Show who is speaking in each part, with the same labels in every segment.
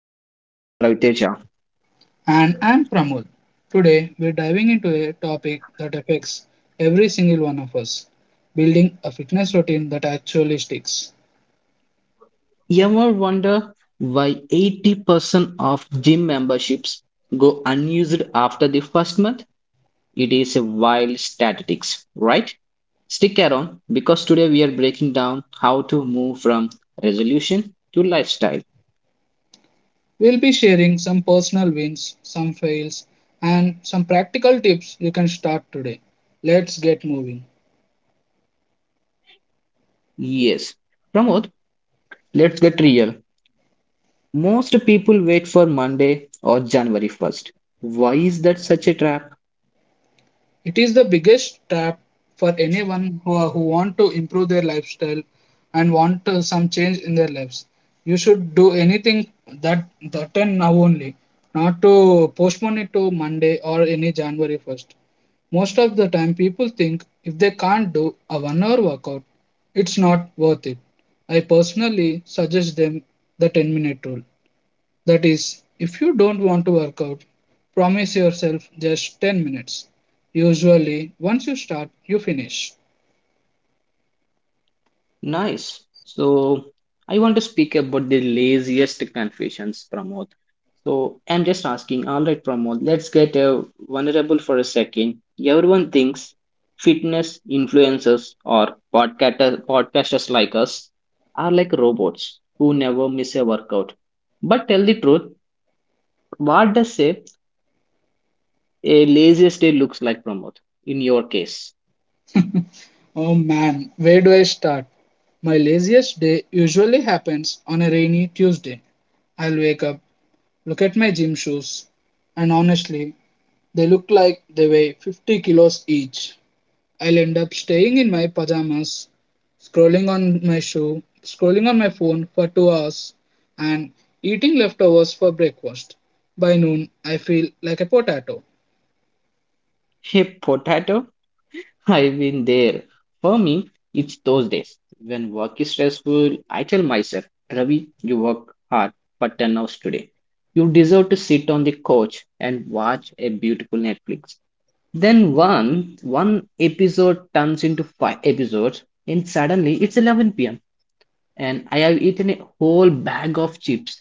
Speaker 1: Plus. I am Raviteja.
Speaker 2: And I'm Pramod. Today we're diving into a topic that affects every single one of us, building a fitness routine that actually sticks.
Speaker 1: You ever wonder why 80% of gym memberships go unused after the first month? It is a wild statistics, right? Stick around because today we are breaking down how to move from resolution to lifestyle.
Speaker 2: We'll be sharing some personal wins, some fails, and some practical tips you can start today. Let's get moving.
Speaker 1: Yes. Pramod, let's get real. Most people wait for Monday or January 1st. Why is that such a trap?
Speaker 2: It is the biggest trap for anyone who want to improve their lifestyle and want some change in their lives. You should do anything that that and now only, not to postpone it to Monday or any January 1st. Most of the time, people think if they can't do a 1 hour workout, it's not worth it. I personally suggest them the 10-minute rule. That is, if you don't want to work out, promise yourself just 10 minutes. Usually, once you start, you finish.
Speaker 1: Nice. So I want to speak about the laziest confessions, Pramod. So I'm just asking, all right, Pramod, let's get vulnerable for a second. Everyone thinks fitness influencers or podcasters like us are like robots who never miss a workout. But tell the truth, what does a laziest day looks like, Pramod, in your case?
Speaker 2: Oh man, where do I start? My laziest day usually happens on a rainy Tuesday. I'll wake up, look at my gym shoes, and honestly, they look like they weigh 50 kilos each. I'll end up staying in my pajamas, scrolling on my phone for 2 hours and eating leftovers for breakfast. By noon, I feel like a potato.
Speaker 1: A potato? I've been there. For me, it's those days when work is stressful. I tell myself, Ravi, you work hard for 10 hours today. You deserve to sit on the couch and watch a beautiful Netflix. Then one episode turns into five episodes, and suddenly it's 11 p.m. and I have eaten a whole bag of chips.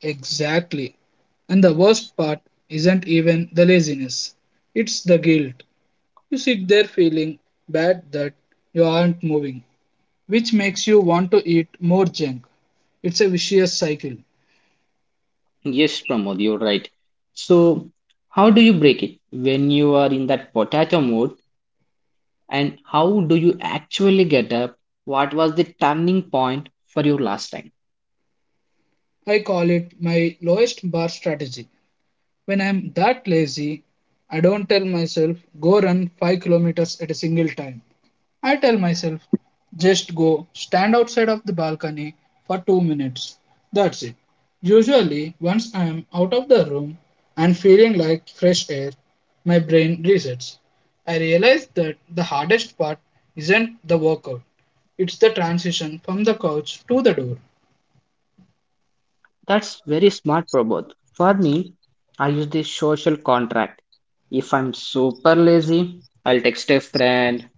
Speaker 2: Exactly. And the worst part isn't even the laziness, it's the guilt. You sit there feeling bad that you aren't moving, which makes you want to eat more junk. It's a vicious cycle.
Speaker 1: Yes, Pramod, you're right. So, how do you break it when you are in that potato mode? And how do you actually get up? What was the turning point for you last time?
Speaker 2: I call it my lowest bar strategy. When I'm that lazy, I don't tell myself go run 5 kilometers at a single time. I tell myself just go stand outside of the balcony for 2 minutes. That's it. Usually, once I'm out of the room and feeling like fresh air, my brain resets. I realize that the hardest part isn't the workout, it's the transition from the couch to the door.
Speaker 1: That's very smart, Prabodh. For me, I use the social contract. If I'm super lazy, I'll text a friend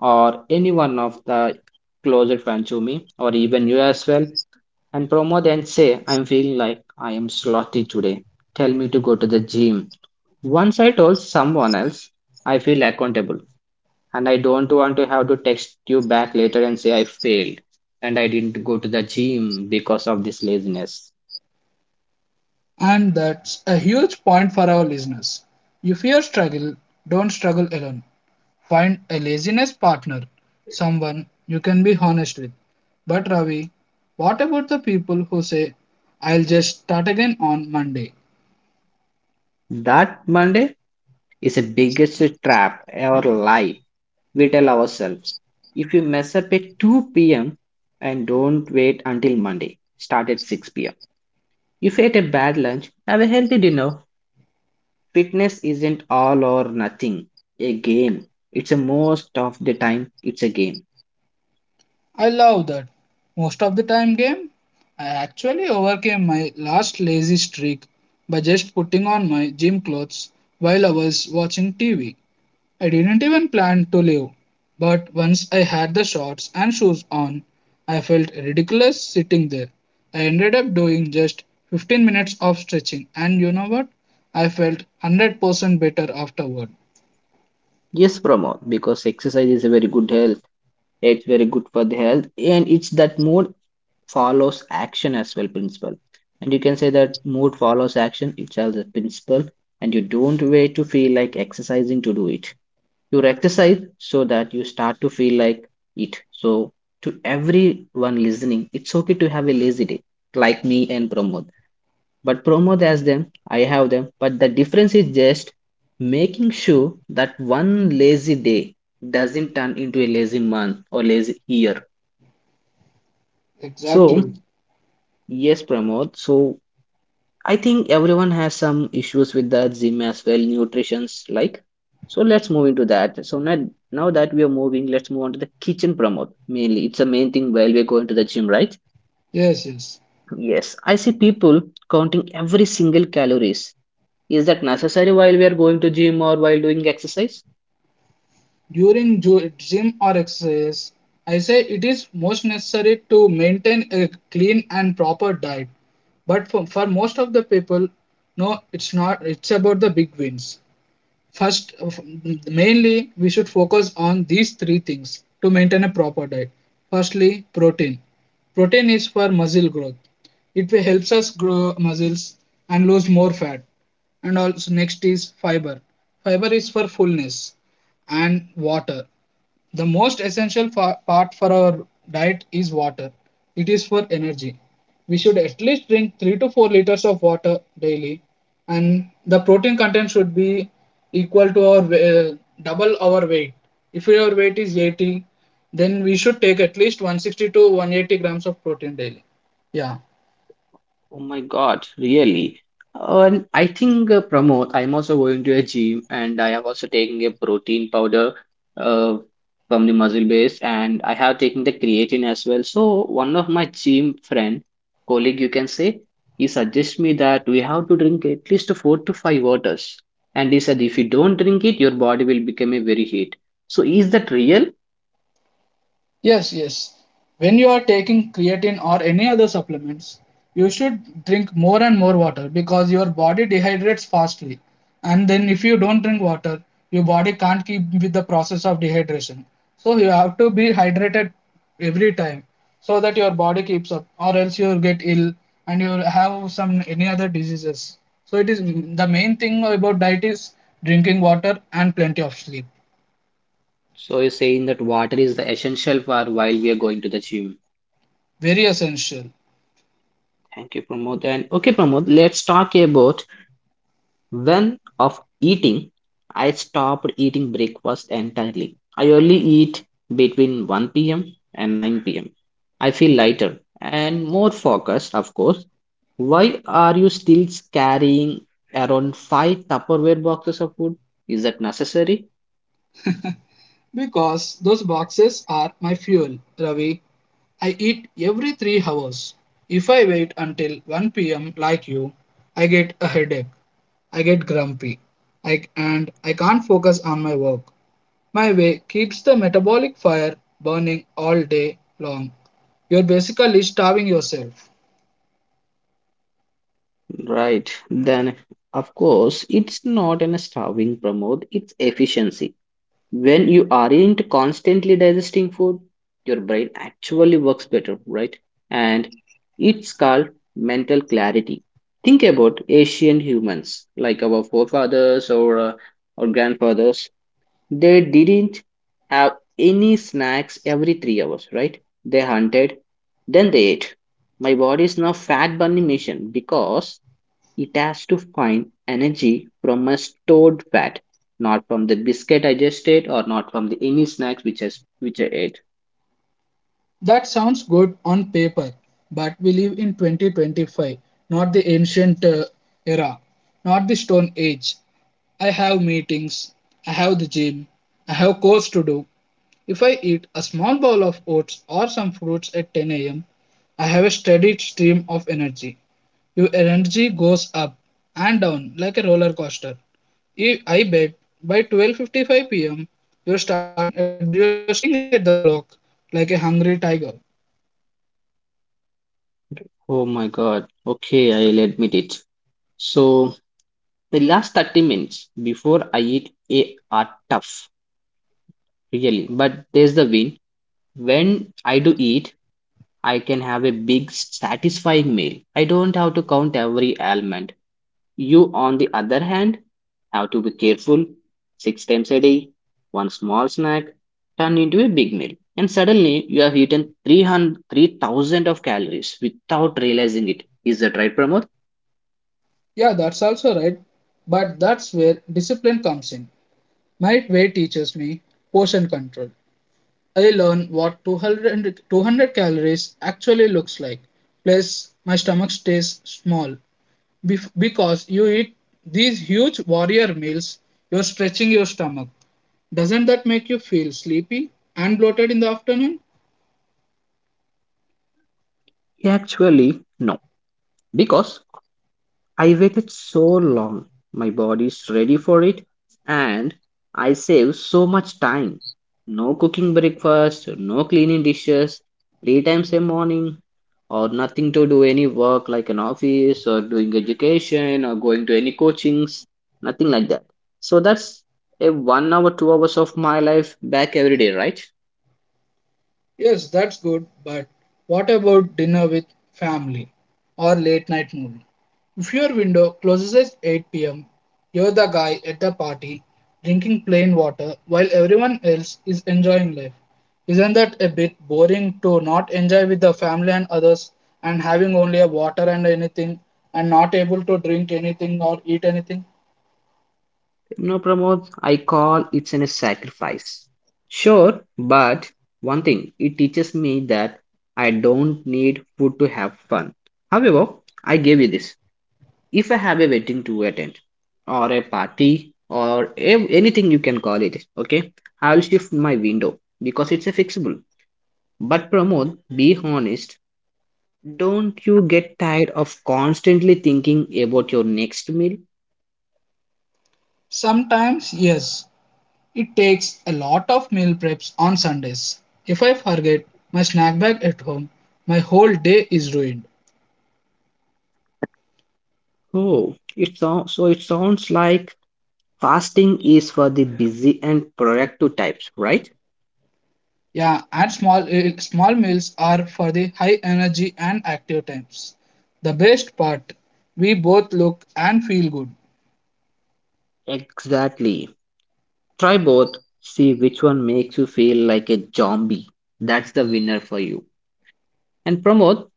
Speaker 1: or any one of the closer friends to me, or even you as well, and promote and say, I'm feeling like I am slothy today. Tell me to go to the gym. Once I told someone else, I feel accountable. And I don't want to have to text you back later and say I failed and I didn't go to the gym because of this laziness.
Speaker 2: And that's a huge point for our listeners. If you struggle, don't struggle alone. Find a laziness partner, someone you can be honest with. But Ravi, what about the people who say, I'll just start again on Monday?
Speaker 1: That Monday is the biggest trap our life. We tell ourselves if you mess up at 2 p.m. and don't wait until Monday, start at 6 p.m. If you ate a bad lunch, have a healthy dinner. Fitness isn't all or nothing, a game. It's a most of the time, it's a game.
Speaker 2: I love that. Most of the time, game, I actually overcame my last lazy streak by just putting on my gym clothes while I was watching TV. I didn't even plan to leave, but once I had the shorts and shoes on, I felt ridiculous sitting there. I ended up doing just 15 minutes of stretching, and you know what? I felt 100% better afterward.
Speaker 1: Yes, promo, because exercise is a very good health, it's very good for the health, and it's that mood follows action as well principle, and you can say that mood follows action itself as a principle, and you don't wait to feel like exercising to do it. You exercise so that you start to feel like it. So to everyone listening, it's okay to have a lazy day like me and Pramod. But Pramod has them, I have them, but the difference is just making sure that one lazy day doesn't turn into a lazy month or lazy year.
Speaker 2: Exactly.
Speaker 1: So, yes, Pramod. So, I think everyone has some issues with the gym as well, nutrition's like. So, let's move into that. So, now, now that we are moving, let's move on to the kitchen, Pramod. Mainly, it's the main thing while we're going to the gym, right?
Speaker 2: Yes, yes.
Speaker 1: Yes, I see people counting every single calories. Is that necessary while we are going to gym or while doing exercise?
Speaker 2: During gym or exercise, I say it is most necessary to maintain a clean and proper diet. But for most of the people, no, it's not. It's about the big wins. First, mainly we should focus on these three things to maintain a proper diet. Firstly, protein. Protein is for muscle growth. It helps us grow muscles and lose more fat. And also next is fiber. Fiber is for fullness and water. The most essential part for our diet is water. It is for energy. We should at least drink 3 to 4 liters of water daily and the protein content should be equal to our uh, double our weight. If your weight is 80, then we should take at least 160 to 180 grams of protein daily. Yeah.
Speaker 1: Oh my God, really? And I think Pramod, I'm also going to a gym and I am also taking a protein powder uh, from the muscle base and I have taken the creatine as well. So one of my gym friend, colleague you can say, he suggests me that we have to drink at least four to five waters. And he said if you don't drink it, your body will become a very heat. So is that real?
Speaker 2: Yes, yes. When you are taking creatine or any other supplements, you should drink more and more water because your body dehydrates fastly. And then, if you don't drink water, your body can't keep with the process of dehydration. So, you have to be hydrated every time so that your body keeps up, or else you'll get ill and you'll have some any other diseases. So, it is the main thing about diet is drinking water and plenty of sleep.
Speaker 1: So you're saying that water is the essential for while we are going to the gym.
Speaker 2: Very essential.
Speaker 1: Thank you, Pramod. And okay, Pramod, let's talk about when of eating. I stopped eating breakfast entirely. I only eat between 1 p.m. and 9 p.m. I feel lighter and more focused, of course. Why are you still carrying around five Tupperware boxes of food? Is that necessary?
Speaker 2: Because those boxes are my fuel, Ravi. I eat every 3 hours. If I wait until 1 p.m. like you, I get a headache. I get grumpy. And I can't focus on my work. My way keeps the metabolic fire burning all day long. You're basically starving yourself.
Speaker 1: Right. Then, of course, it's not an starving, Pramod. It's efficiency. When you aren't constantly digesting food, your brain actually works better, right? And it's called mental clarity. Think about ancient humans, like our forefathers or our grandfathers. They didn't have any snacks every 3 hours, right? They hunted, then they ate. My body is now fat burning machine because it has to find energy from a stored fat, not from the biscuit I just ate or not from the any snacks which which I ate.
Speaker 2: That sounds good on paper, but we live in 2025, not the ancient era, not the stone age. I have meetings, I have the gym, I have course to do. If I eat a small bowl of oats or some fruits at 10 a.m., I have a steady stream of energy. Your energy goes up and down like a roller coaster. I bet by 12:55 p.m. You're staring at the clock like a hungry tiger.
Speaker 1: Oh my God. Okay, I'll admit it. So the last 30 minutes before I eat are tough, really. But there's the win. When I do eat, I can have a big satisfying meal. I don't have to count every almond. You, on the other hand, have to be careful. Six times a day, one small snack turned into a big meal, and suddenly you have eaten 3,000 of calories without realizing it. Is that right, Pramod?
Speaker 2: Yeah, that's also right. But that's where discipline comes in. My weight teaches me portion control. I learn what 200 calories actually looks like. Plus, my stomach stays small. Because you eat these huge warrior meals, you're stretching your stomach. Doesn't that make you feel sleepy and bloated in the afternoon?
Speaker 1: Actually, no. Because I waited so long, my body's ready for it, and I save so much time. No cooking breakfast, no cleaning dishes, three times a morning, or nothing to do any work like an office or doing education or going to any coachings, nothing like that. So that's a 1 hour, 2 hours of my life back every day, right?
Speaker 2: Yes, that's good, but what about dinner with family or late night movie? If your window closes at 8 p.m., you're the guy at the party drinking plain water while everyone else is enjoying life. Isn't that a bit boring to not enjoy with the family and others and having only a water and anything and not able to drink anything or eat anything?
Speaker 1: No, Pramod, I call it a sacrifice. Sure, but one thing, it teaches me that I don't need food to have fun. However, I gave you this. If I have a wedding to attend, or a party, or anything you can call it, okay, I'll shift my window because it's a fixable. But Pramod, be honest, don't you get tired of constantly thinking about your next meal?
Speaker 2: Sometimes, yes, it takes a lot of meal preps on Sundays. If I forget my snack bag at home, my whole day is ruined.
Speaker 1: Oh, it sounds so it sounds like fasting is for the busy and productive types, right?
Speaker 2: Yeah, and small meals are for the high energy and active times. The best part, we both look and feel good.
Speaker 1: Exactly. Try both. See which one makes you feel like a zombie. That's the winner for you. And promote,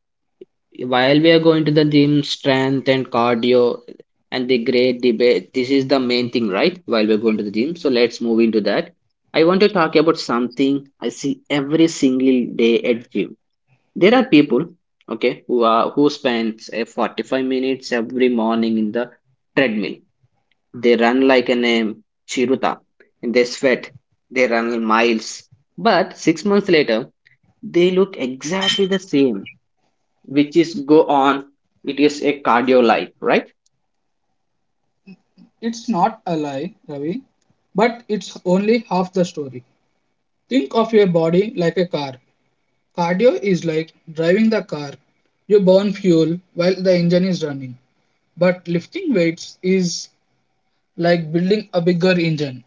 Speaker 1: while we are going to the gym, strength and cardio and the great debate. This is the main thing, right? While we're going to the gym. So let's move into that. I want to talk about something I see every single day at gym. There are people, okay, who are who spends a 45 minutes every morning in the treadmill. They run like an chiruta, and they sweat, they run miles, but 6 months later they look exactly the same, which is go on. It is a cardio life, right?
Speaker 2: It's not a lie, Ravi, but it's only half the story. Think of your body like a car. Cardio is like driving the car. You burn fuel while the engine is running, but lifting weights is like building a bigger engine.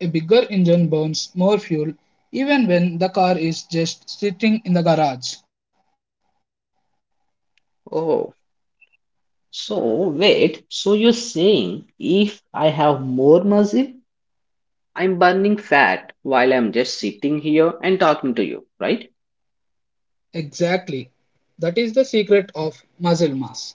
Speaker 2: A bigger engine burns more fuel even when the car is just sitting in the garage.
Speaker 1: Oh, so wait, so you're saying if I have more muscle I'm burning fat while I'm just sitting here and talking to you, right?
Speaker 2: Exactly. That is the secret of muscle mass.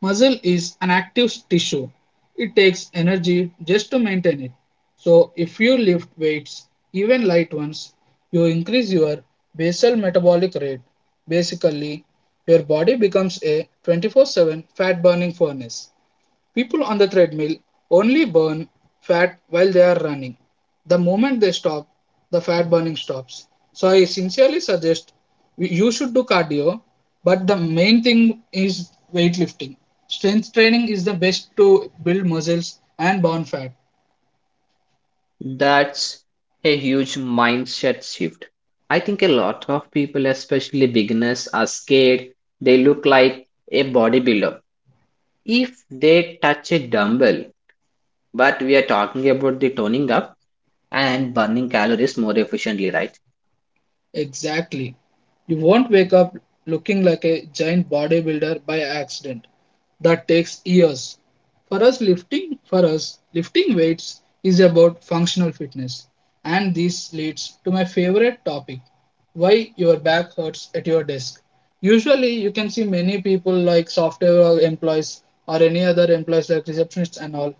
Speaker 2: Muscle is an active tissue. It takes energy just to maintain it. So if you lift weights, even light ones, you increase your basal metabolic rate. Basically, your body becomes a 24/7 fat burning furnace. People on the treadmill only burn fat while they are running. The moment they stop, the fat burning stops. So I sincerely suggest you should do cardio, but the main thing is weightlifting. Strength training is the best to build muscles and burn fat.
Speaker 1: That's a huge mindset shift. I think a lot of people, especially beginners, are scared they look like a bodybuilder if they touch a dumbbell. But we are talking about the toning up and burning calories more efficiently, right?
Speaker 2: Exactly. You won't wake up looking like a giant bodybuilder by accident. That takes years. For us, lifting weights is about functional fitness, and this leads to my favorite topic, why your back hurts at your desk. Usually you can see many people like software employees or any other employees like receptionists and all,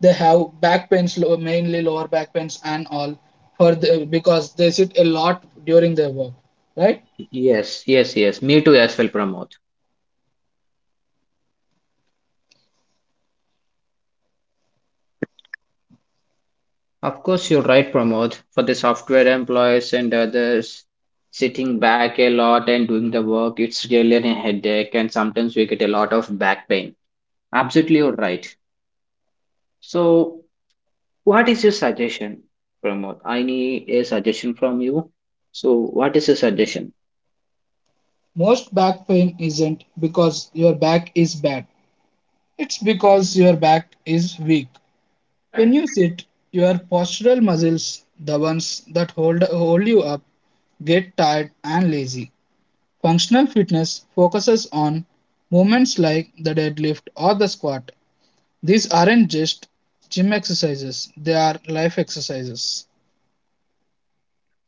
Speaker 2: they have back pains, mainly lower back pains and all, because they sit a lot during their work, right?
Speaker 1: Yes, yes, yes. Me too, as well, Pramod. Of course, you're right, Pramod. For the software employees and others sitting back a lot and doing the work, it's really a headache, and sometimes we get a lot of back pain. Absolutely, you're right. So, what is your suggestion, Pramod? I need a suggestion from you. So, what is your suggestion?
Speaker 2: Most back pain isn't because your back is bad, it's because your back is weak. When you sit, your postural muscles, the ones that hold you up, get tired and lazy. Functional fitness focuses on movements like the deadlift or the squat. These aren't just gym exercises, they are life exercises.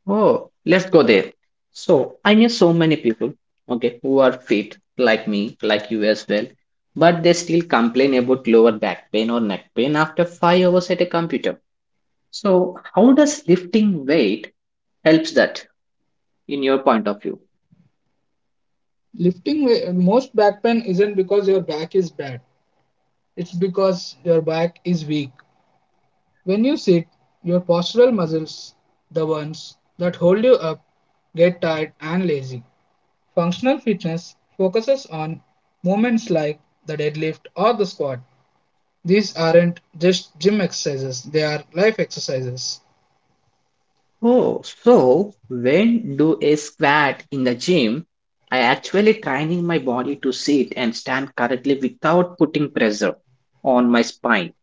Speaker 1: Oh, let's go there. So, I know so many people, okay, who are fit, like me, like you as well, but they still complain about lower back pain or neck pain after 5 hours at a computer. So, how does lifting weight helps that in your point of view?
Speaker 2: Lifting, most back pain isn't because your back is bad, it's because your back is weak. When you sit, your postural muscles, the ones that hold you up, get tired and lazy. Functional fitness focuses on movements like the deadlift or the squat. These aren't just gym exercises, they are life exercises.
Speaker 1: Oh, so when do a squat in the gym, I actually training my body to sit and stand correctly without putting pressure on my spine.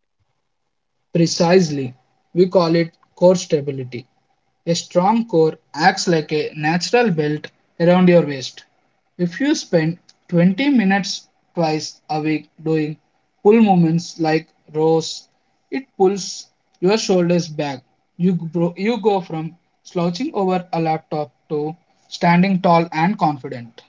Speaker 2: Precisely. We call it core stability. A strong core acts like a natural belt around your waist. If you spend 20 minutes twice a week doing pull movements like rows, it pulls your shoulders back. You go from slouching over a laptop to standing tall and confident.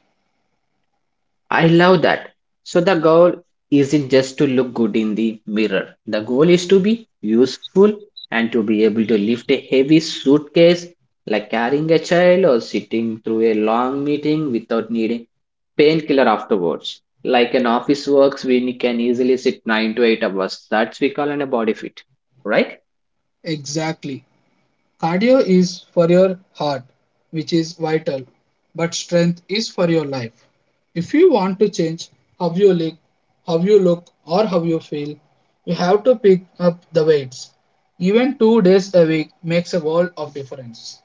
Speaker 1: I love that. So the goal isn't just to look good in the mirror. The goal is to be useful and to be able to lift a heavy suitcase like carrying a child or sitting through a long meeting without needing painkiller afterwards. Like an office works, we can easily sit 9 to 8 hours. That's we call an a body fit, right?
Speaker 2: Exactly. Cardio is for your heart, which is vital, but strength is for your life. If you want to change how you look, how you look or how you feel, you have to pick up the weights. Even 2 days a week makes a world of difference.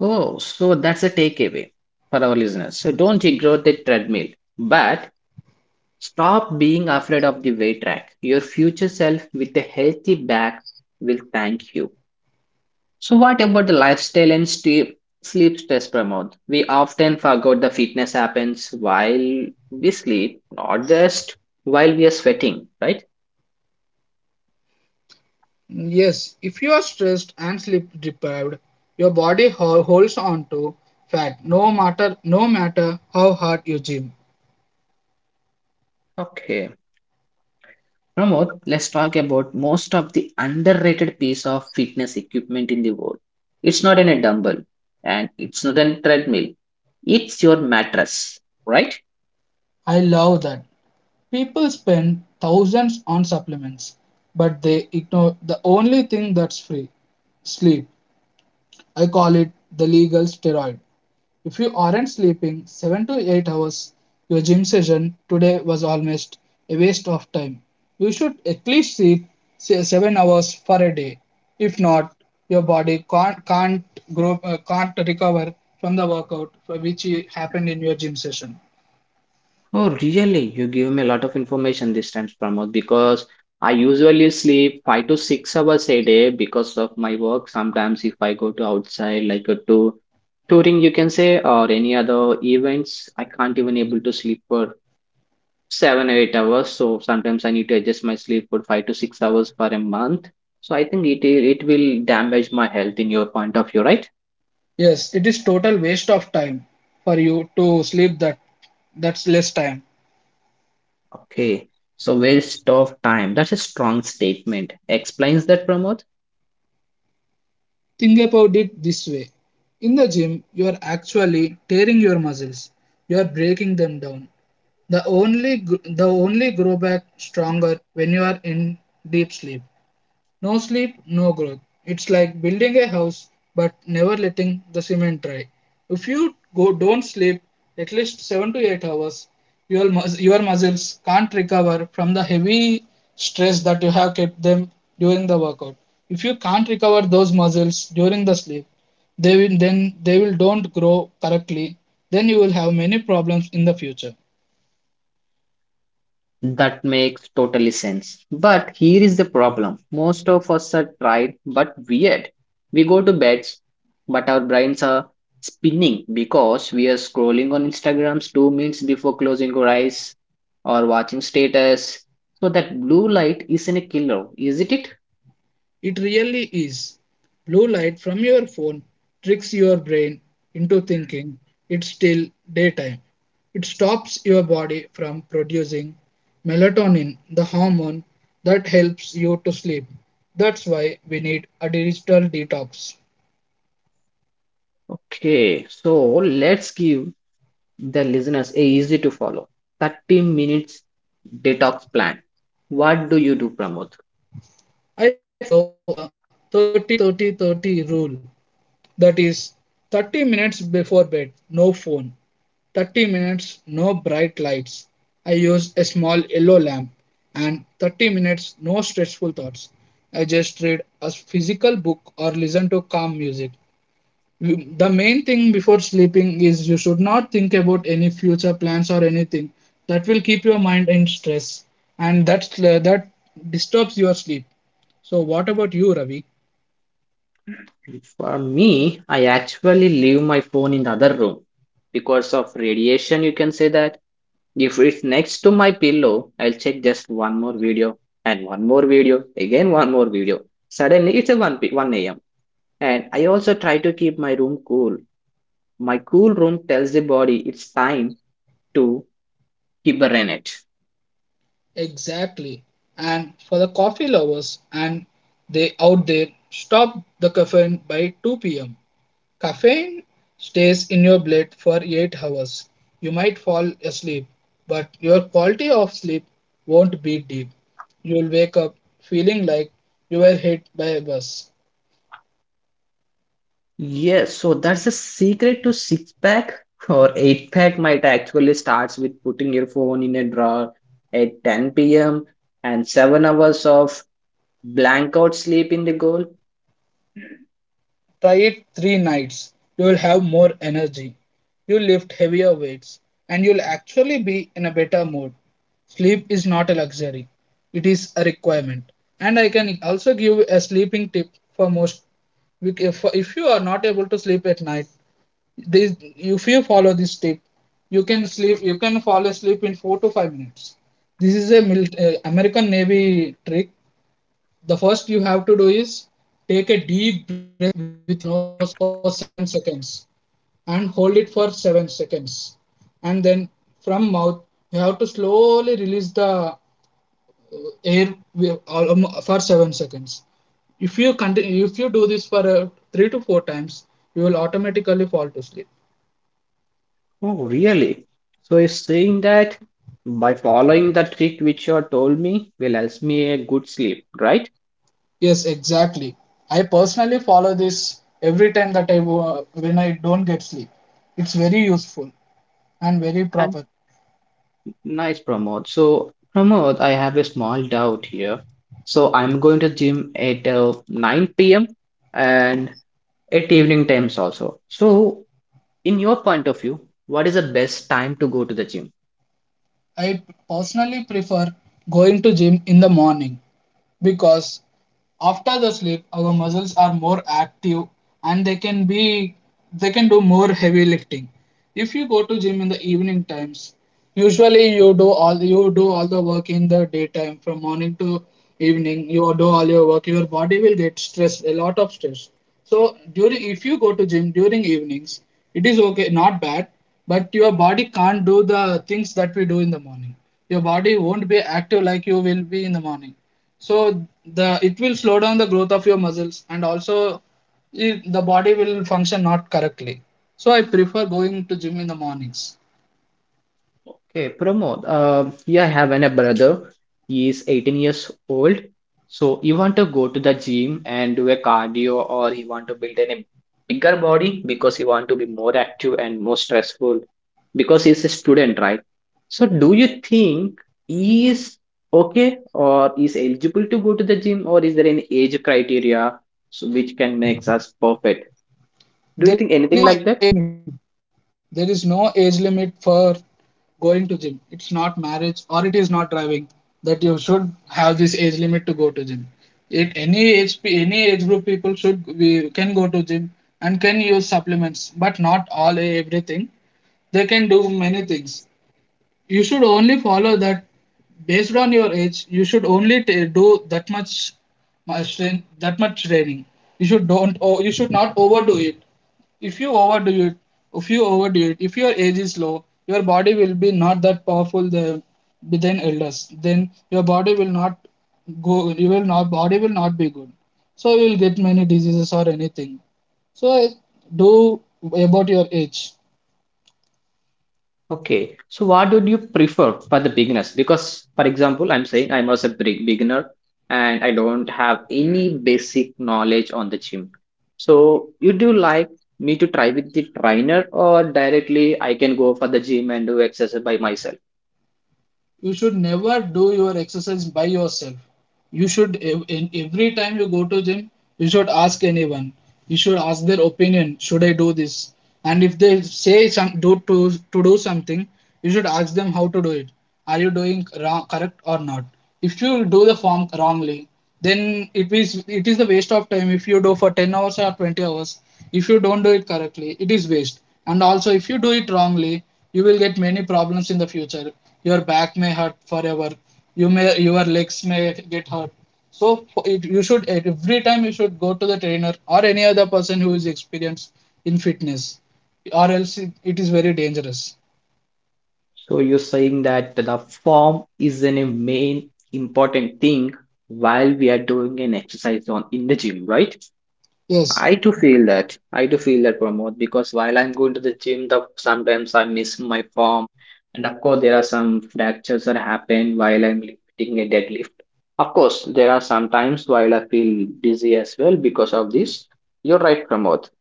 Speaker 1: Oh, so that's a takeaway for our listeners. So don't ignore the treadmill, but stop being afraid of the weight rack. Your future self with a healthy back will thank you. So what about the lifestyle and sleep stress promote? We often forget the fitness happens while we sleep, not just while we are sweating, right?
Speaker 2: Yes, if you are stressed and sleep deprived, your body holds on to fat no matter how hard you gym.
Speaker 1: Okay. Pramod, let's talk about most of the underrated piece of fitness equipment in the world. It's not in a dumbbell and it's not a treadmill. It's your mattress, right?
Speaker 2: I love that. People spend thousands on supplements, but they ignore the only thing that's free, sleep. I call it the legal steroid. If you aren't sleeping 7 to 8 hours, your gym session today was almost a waste of time. You should at least sleep 7 hours for a day. If not, your body can't, can't recover from the workout for which it happened in your gym session.
Speaker 1: Oh, really? You give me a lot of information this time, Pramod, because I usually sleep 5 to 6 hours a day because of my work. Sometimes, if I go to outside, like a to touring, you can say, or any other events, I can't even able to sleep for 7 or 8 hours. So sometimes I need to adjust my sleep for 5 to 6 hours for a month. So I think it will damage my health in your point of view, right?
Speaker 2: Yes, it is total waste of time for you to sleep that that's less time.
Speaker 1: Okay. So waste of time. That's a strong statement. Explains that, Pramod.
Speaker 2: Think about it this way. In the gym, you are actually tearing your muscles. You are breaking them down. The only grow back stronger when you are in deep sleep. No sleep, no growth. It's like building a house but never letting the cement dry. If you go don't sleep at least 7 to 8 hours, your your muscles can't recover from the heavy stress that you have kept them during the workout. If you can't recover those muscles during the sleep, they will then they will don't grow correctly. Then you will have many problems in the future.
Speaker 1: That makes totally sense. But here is the problem. Most of us are tired but weird. We go to beds, but our brains are spinning because we are scrolling on Instagrams 2 minutes before closing our eyes or watching status. So that blue light isn't a killer, isn't it?
Speaker 2: It really is. Blue light from your phone tricks your brain into thinking it's still daytime. It stops your body from producing melatonin, the hormone that helps you to sleep. That's why we need a digital detox.
Speaker 1: Okay, so let's give the listeners a easy to follow 30 minutes detox plan. What do you do, Pramod?
Speaker 2: I follow the 30 30 30 rule. That is 30 minutes before bed, no phone. 30 minutes, no bright lights. I use a small yellow lamp. And 30 minutes, no stressful thoughts. I just read a physical book or listen to calm music. The main thing before sleeping is you should not think about any future plans or anything. That will keep your mind in stress and that disturbs your sleep. So, what about you, Ravi?
Speaker 1: For me, I actually leave my phone in the other room because of radiation. You can say that if it's next to my pillow, I'll check just one more video and one more video, again one more video. Suddenly, it's a 1 a.m. And I also try to keep my room cool. My cool room tells the body it's time to hibernate.
Speaker 2: Exactly. And for the coffee lovers and they out there, stop the caffeine by 2 pm. Caffeine stays in your blood for 8 hours. You might fall asleep, but your quality of sleep won't be deep. You'll wake up feeling like you were hit by a bus.
Speaker 1: Yes, so that's the secret to six pack or eight pack might actually starts with putting your phone in a drawer at 10 p.m. and 7 hours of blank out sleep in the goal.
Speaker 2: Try it three nights. You'll have more energy. You'll lift heavier weights. And you'll actually be in a better mood. Sleep is not a luxury, it is a requirement. And I can also give a sleeping tip for most. If you are not able to sleep at night, this, if you follow this tip, you can sleep. You can fall asleep in 4 to 5 minutes. This is a American Navy trick. The first you have to do is take a deep breath with your nose for 7 seconds and hold it for 7 seconds. And then from mouth, you have to slowly release the air for 7 seconds. If you continue, if you do this for 3 to 4 times, you will automatically fall to sleep.
Speaker 1: Oh, really? So you're saying that by following the trick which you told me will help me a good sleep, right?
Speaker 2: Yes, exactly. I personally follow this every time that when I don't get sleep. It's very useful and very
Speaker 1: And
Speaker 2: proper.
Speaker 1: nice Pramod. So Pramod, I have a small doubt here. So I'm going to gym at 9 p.m. and at evening times also. So, in your point of view, what is the best time to go to the gym?
Speaker 2: I personally prefer going to gym in the morning because after the sleep our muscles are more active and they can do more heavy lifting. If you go to gym in the evening times, usually you do all the work in the daytime from morning to evening. You do all your work. Your body will get stressed, a lot of stress. So during if you go to gym during evenings, it is okay, not bad, but your body can't do the things that we do in the morning. Your body won't be active like you will be in the morning. So the it will slow down the growth of your muscles and also the body will function not correctly. So I prefer going to gym in the mornings.
Speaker 1: Okay, Pramod. Yeah, I have a brother. He is 18 years old. So, you want to go to the gym and do a cardio, or he want to build a bigger body because he want to be more active and more stressful because he's a student, right? So, do you think he is okay or is eligible to go to the gym, or is there any age criteria? So which can make us perfect. Do you
Speaker 2: There
Speaker 1: think
Speaker 2: is
Speaker 1: anything
Speaker 2: no
Speaker 1: like
Speaker 2: age
Speaker 1: that?
Speaker 2: limit. There is no age limit for going to gym. It's not marriage or it is not driving that you should have this age limit to go to gym. It, any age pe- Any age group people should we can go to gym and can use supplements, but not all everything. They can do many things. You should only follow that based on your age. You should only ta do that much that much training. You should not overdo it. If you overdo it if you overdo it if your age is low, your body will be not that powerful the within elders. Then your body will not go. You will not Body will not be good, so you will get many diseases or anything. So do about your age.
Speaker 1: Okay. So what would you prefer for the beginners? Because, for example, I'm saying I'm also a big beginner and I don't have any basic knowledge on the gym. So you do like me to try with the trainer or directly I can go for the gym and do exercise by myself?
Speaker 2: You should never do your exercise by yourself. You should, in every time you go to gym, you should ask anyone. You should ask their opinion: should I do this? And if they say to do something, you should ask them how to do it. Are you doing wrong, correct or not? If you do the form wrongly, then it is the waste of time. If you do for 10 hours or 20 hours, if you don't do it correctly, it is waste. And also, if you do it wrongly, you will get many problems in the future. Your back may hurt forever. Your legs may get hurt. So you should every time you should go to the trainer or any other person who is experienced in fitness, or else it is very dangerous.
Speaker 1: So you're saying that the form is an a main important thing while we are doing an exercise on in the gym, right?
Speaker 2: Yes,
Speaker 1: I do feel that. I do feel that, Pramod, because while I'm going to the gym, the sometimes I miss my form, and of course there are some fractures that happen while I'm lifting a deadlift. Of course, there are some times while I feel dizzy as well because of this. You're right, Pramod.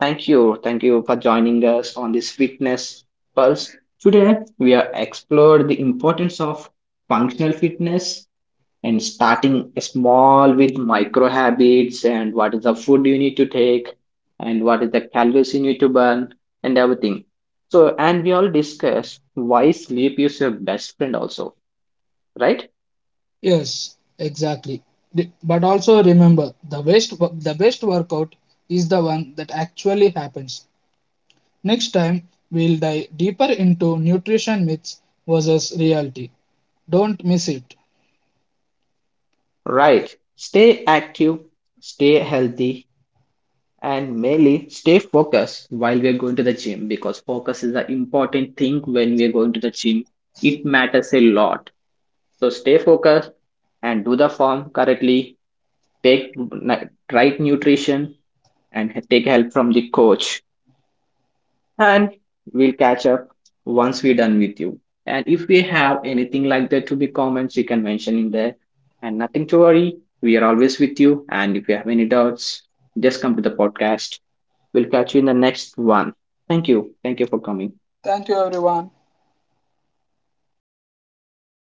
Speaker 1: Thank you for joining us on this fitness pulse. Today we have explored the importance of functional fitness and starting small with micro habits, and what is the food you need to take, and what is the calories you need to burn, and everything. So, and we all discuss why sleep is your best friend also, right?
Speaker 2: yes, exactly. But also remember, the best workout is the one that actually happens. Next time, we'll dive deeper into nutrition myths versus reality. Don't miss it.
Speaker 1: Right, stay active, stay healthy, and mainly stay focused while we are going to the gym, because focus is an important thing when we are going to the gym. It matters a lot. So stay focused and do the form correctly, take right nutrition, and take help from the coach. And we'll catch up once we're done with you, and if we have anything like that to be comments you can mention in there. And nothing to worry, we are always with you, and if you have any doubts, just come to the podcast. We'll catch you in the next one. Thank you, thank you for coming.
Speaker 2: Thank you, everyone.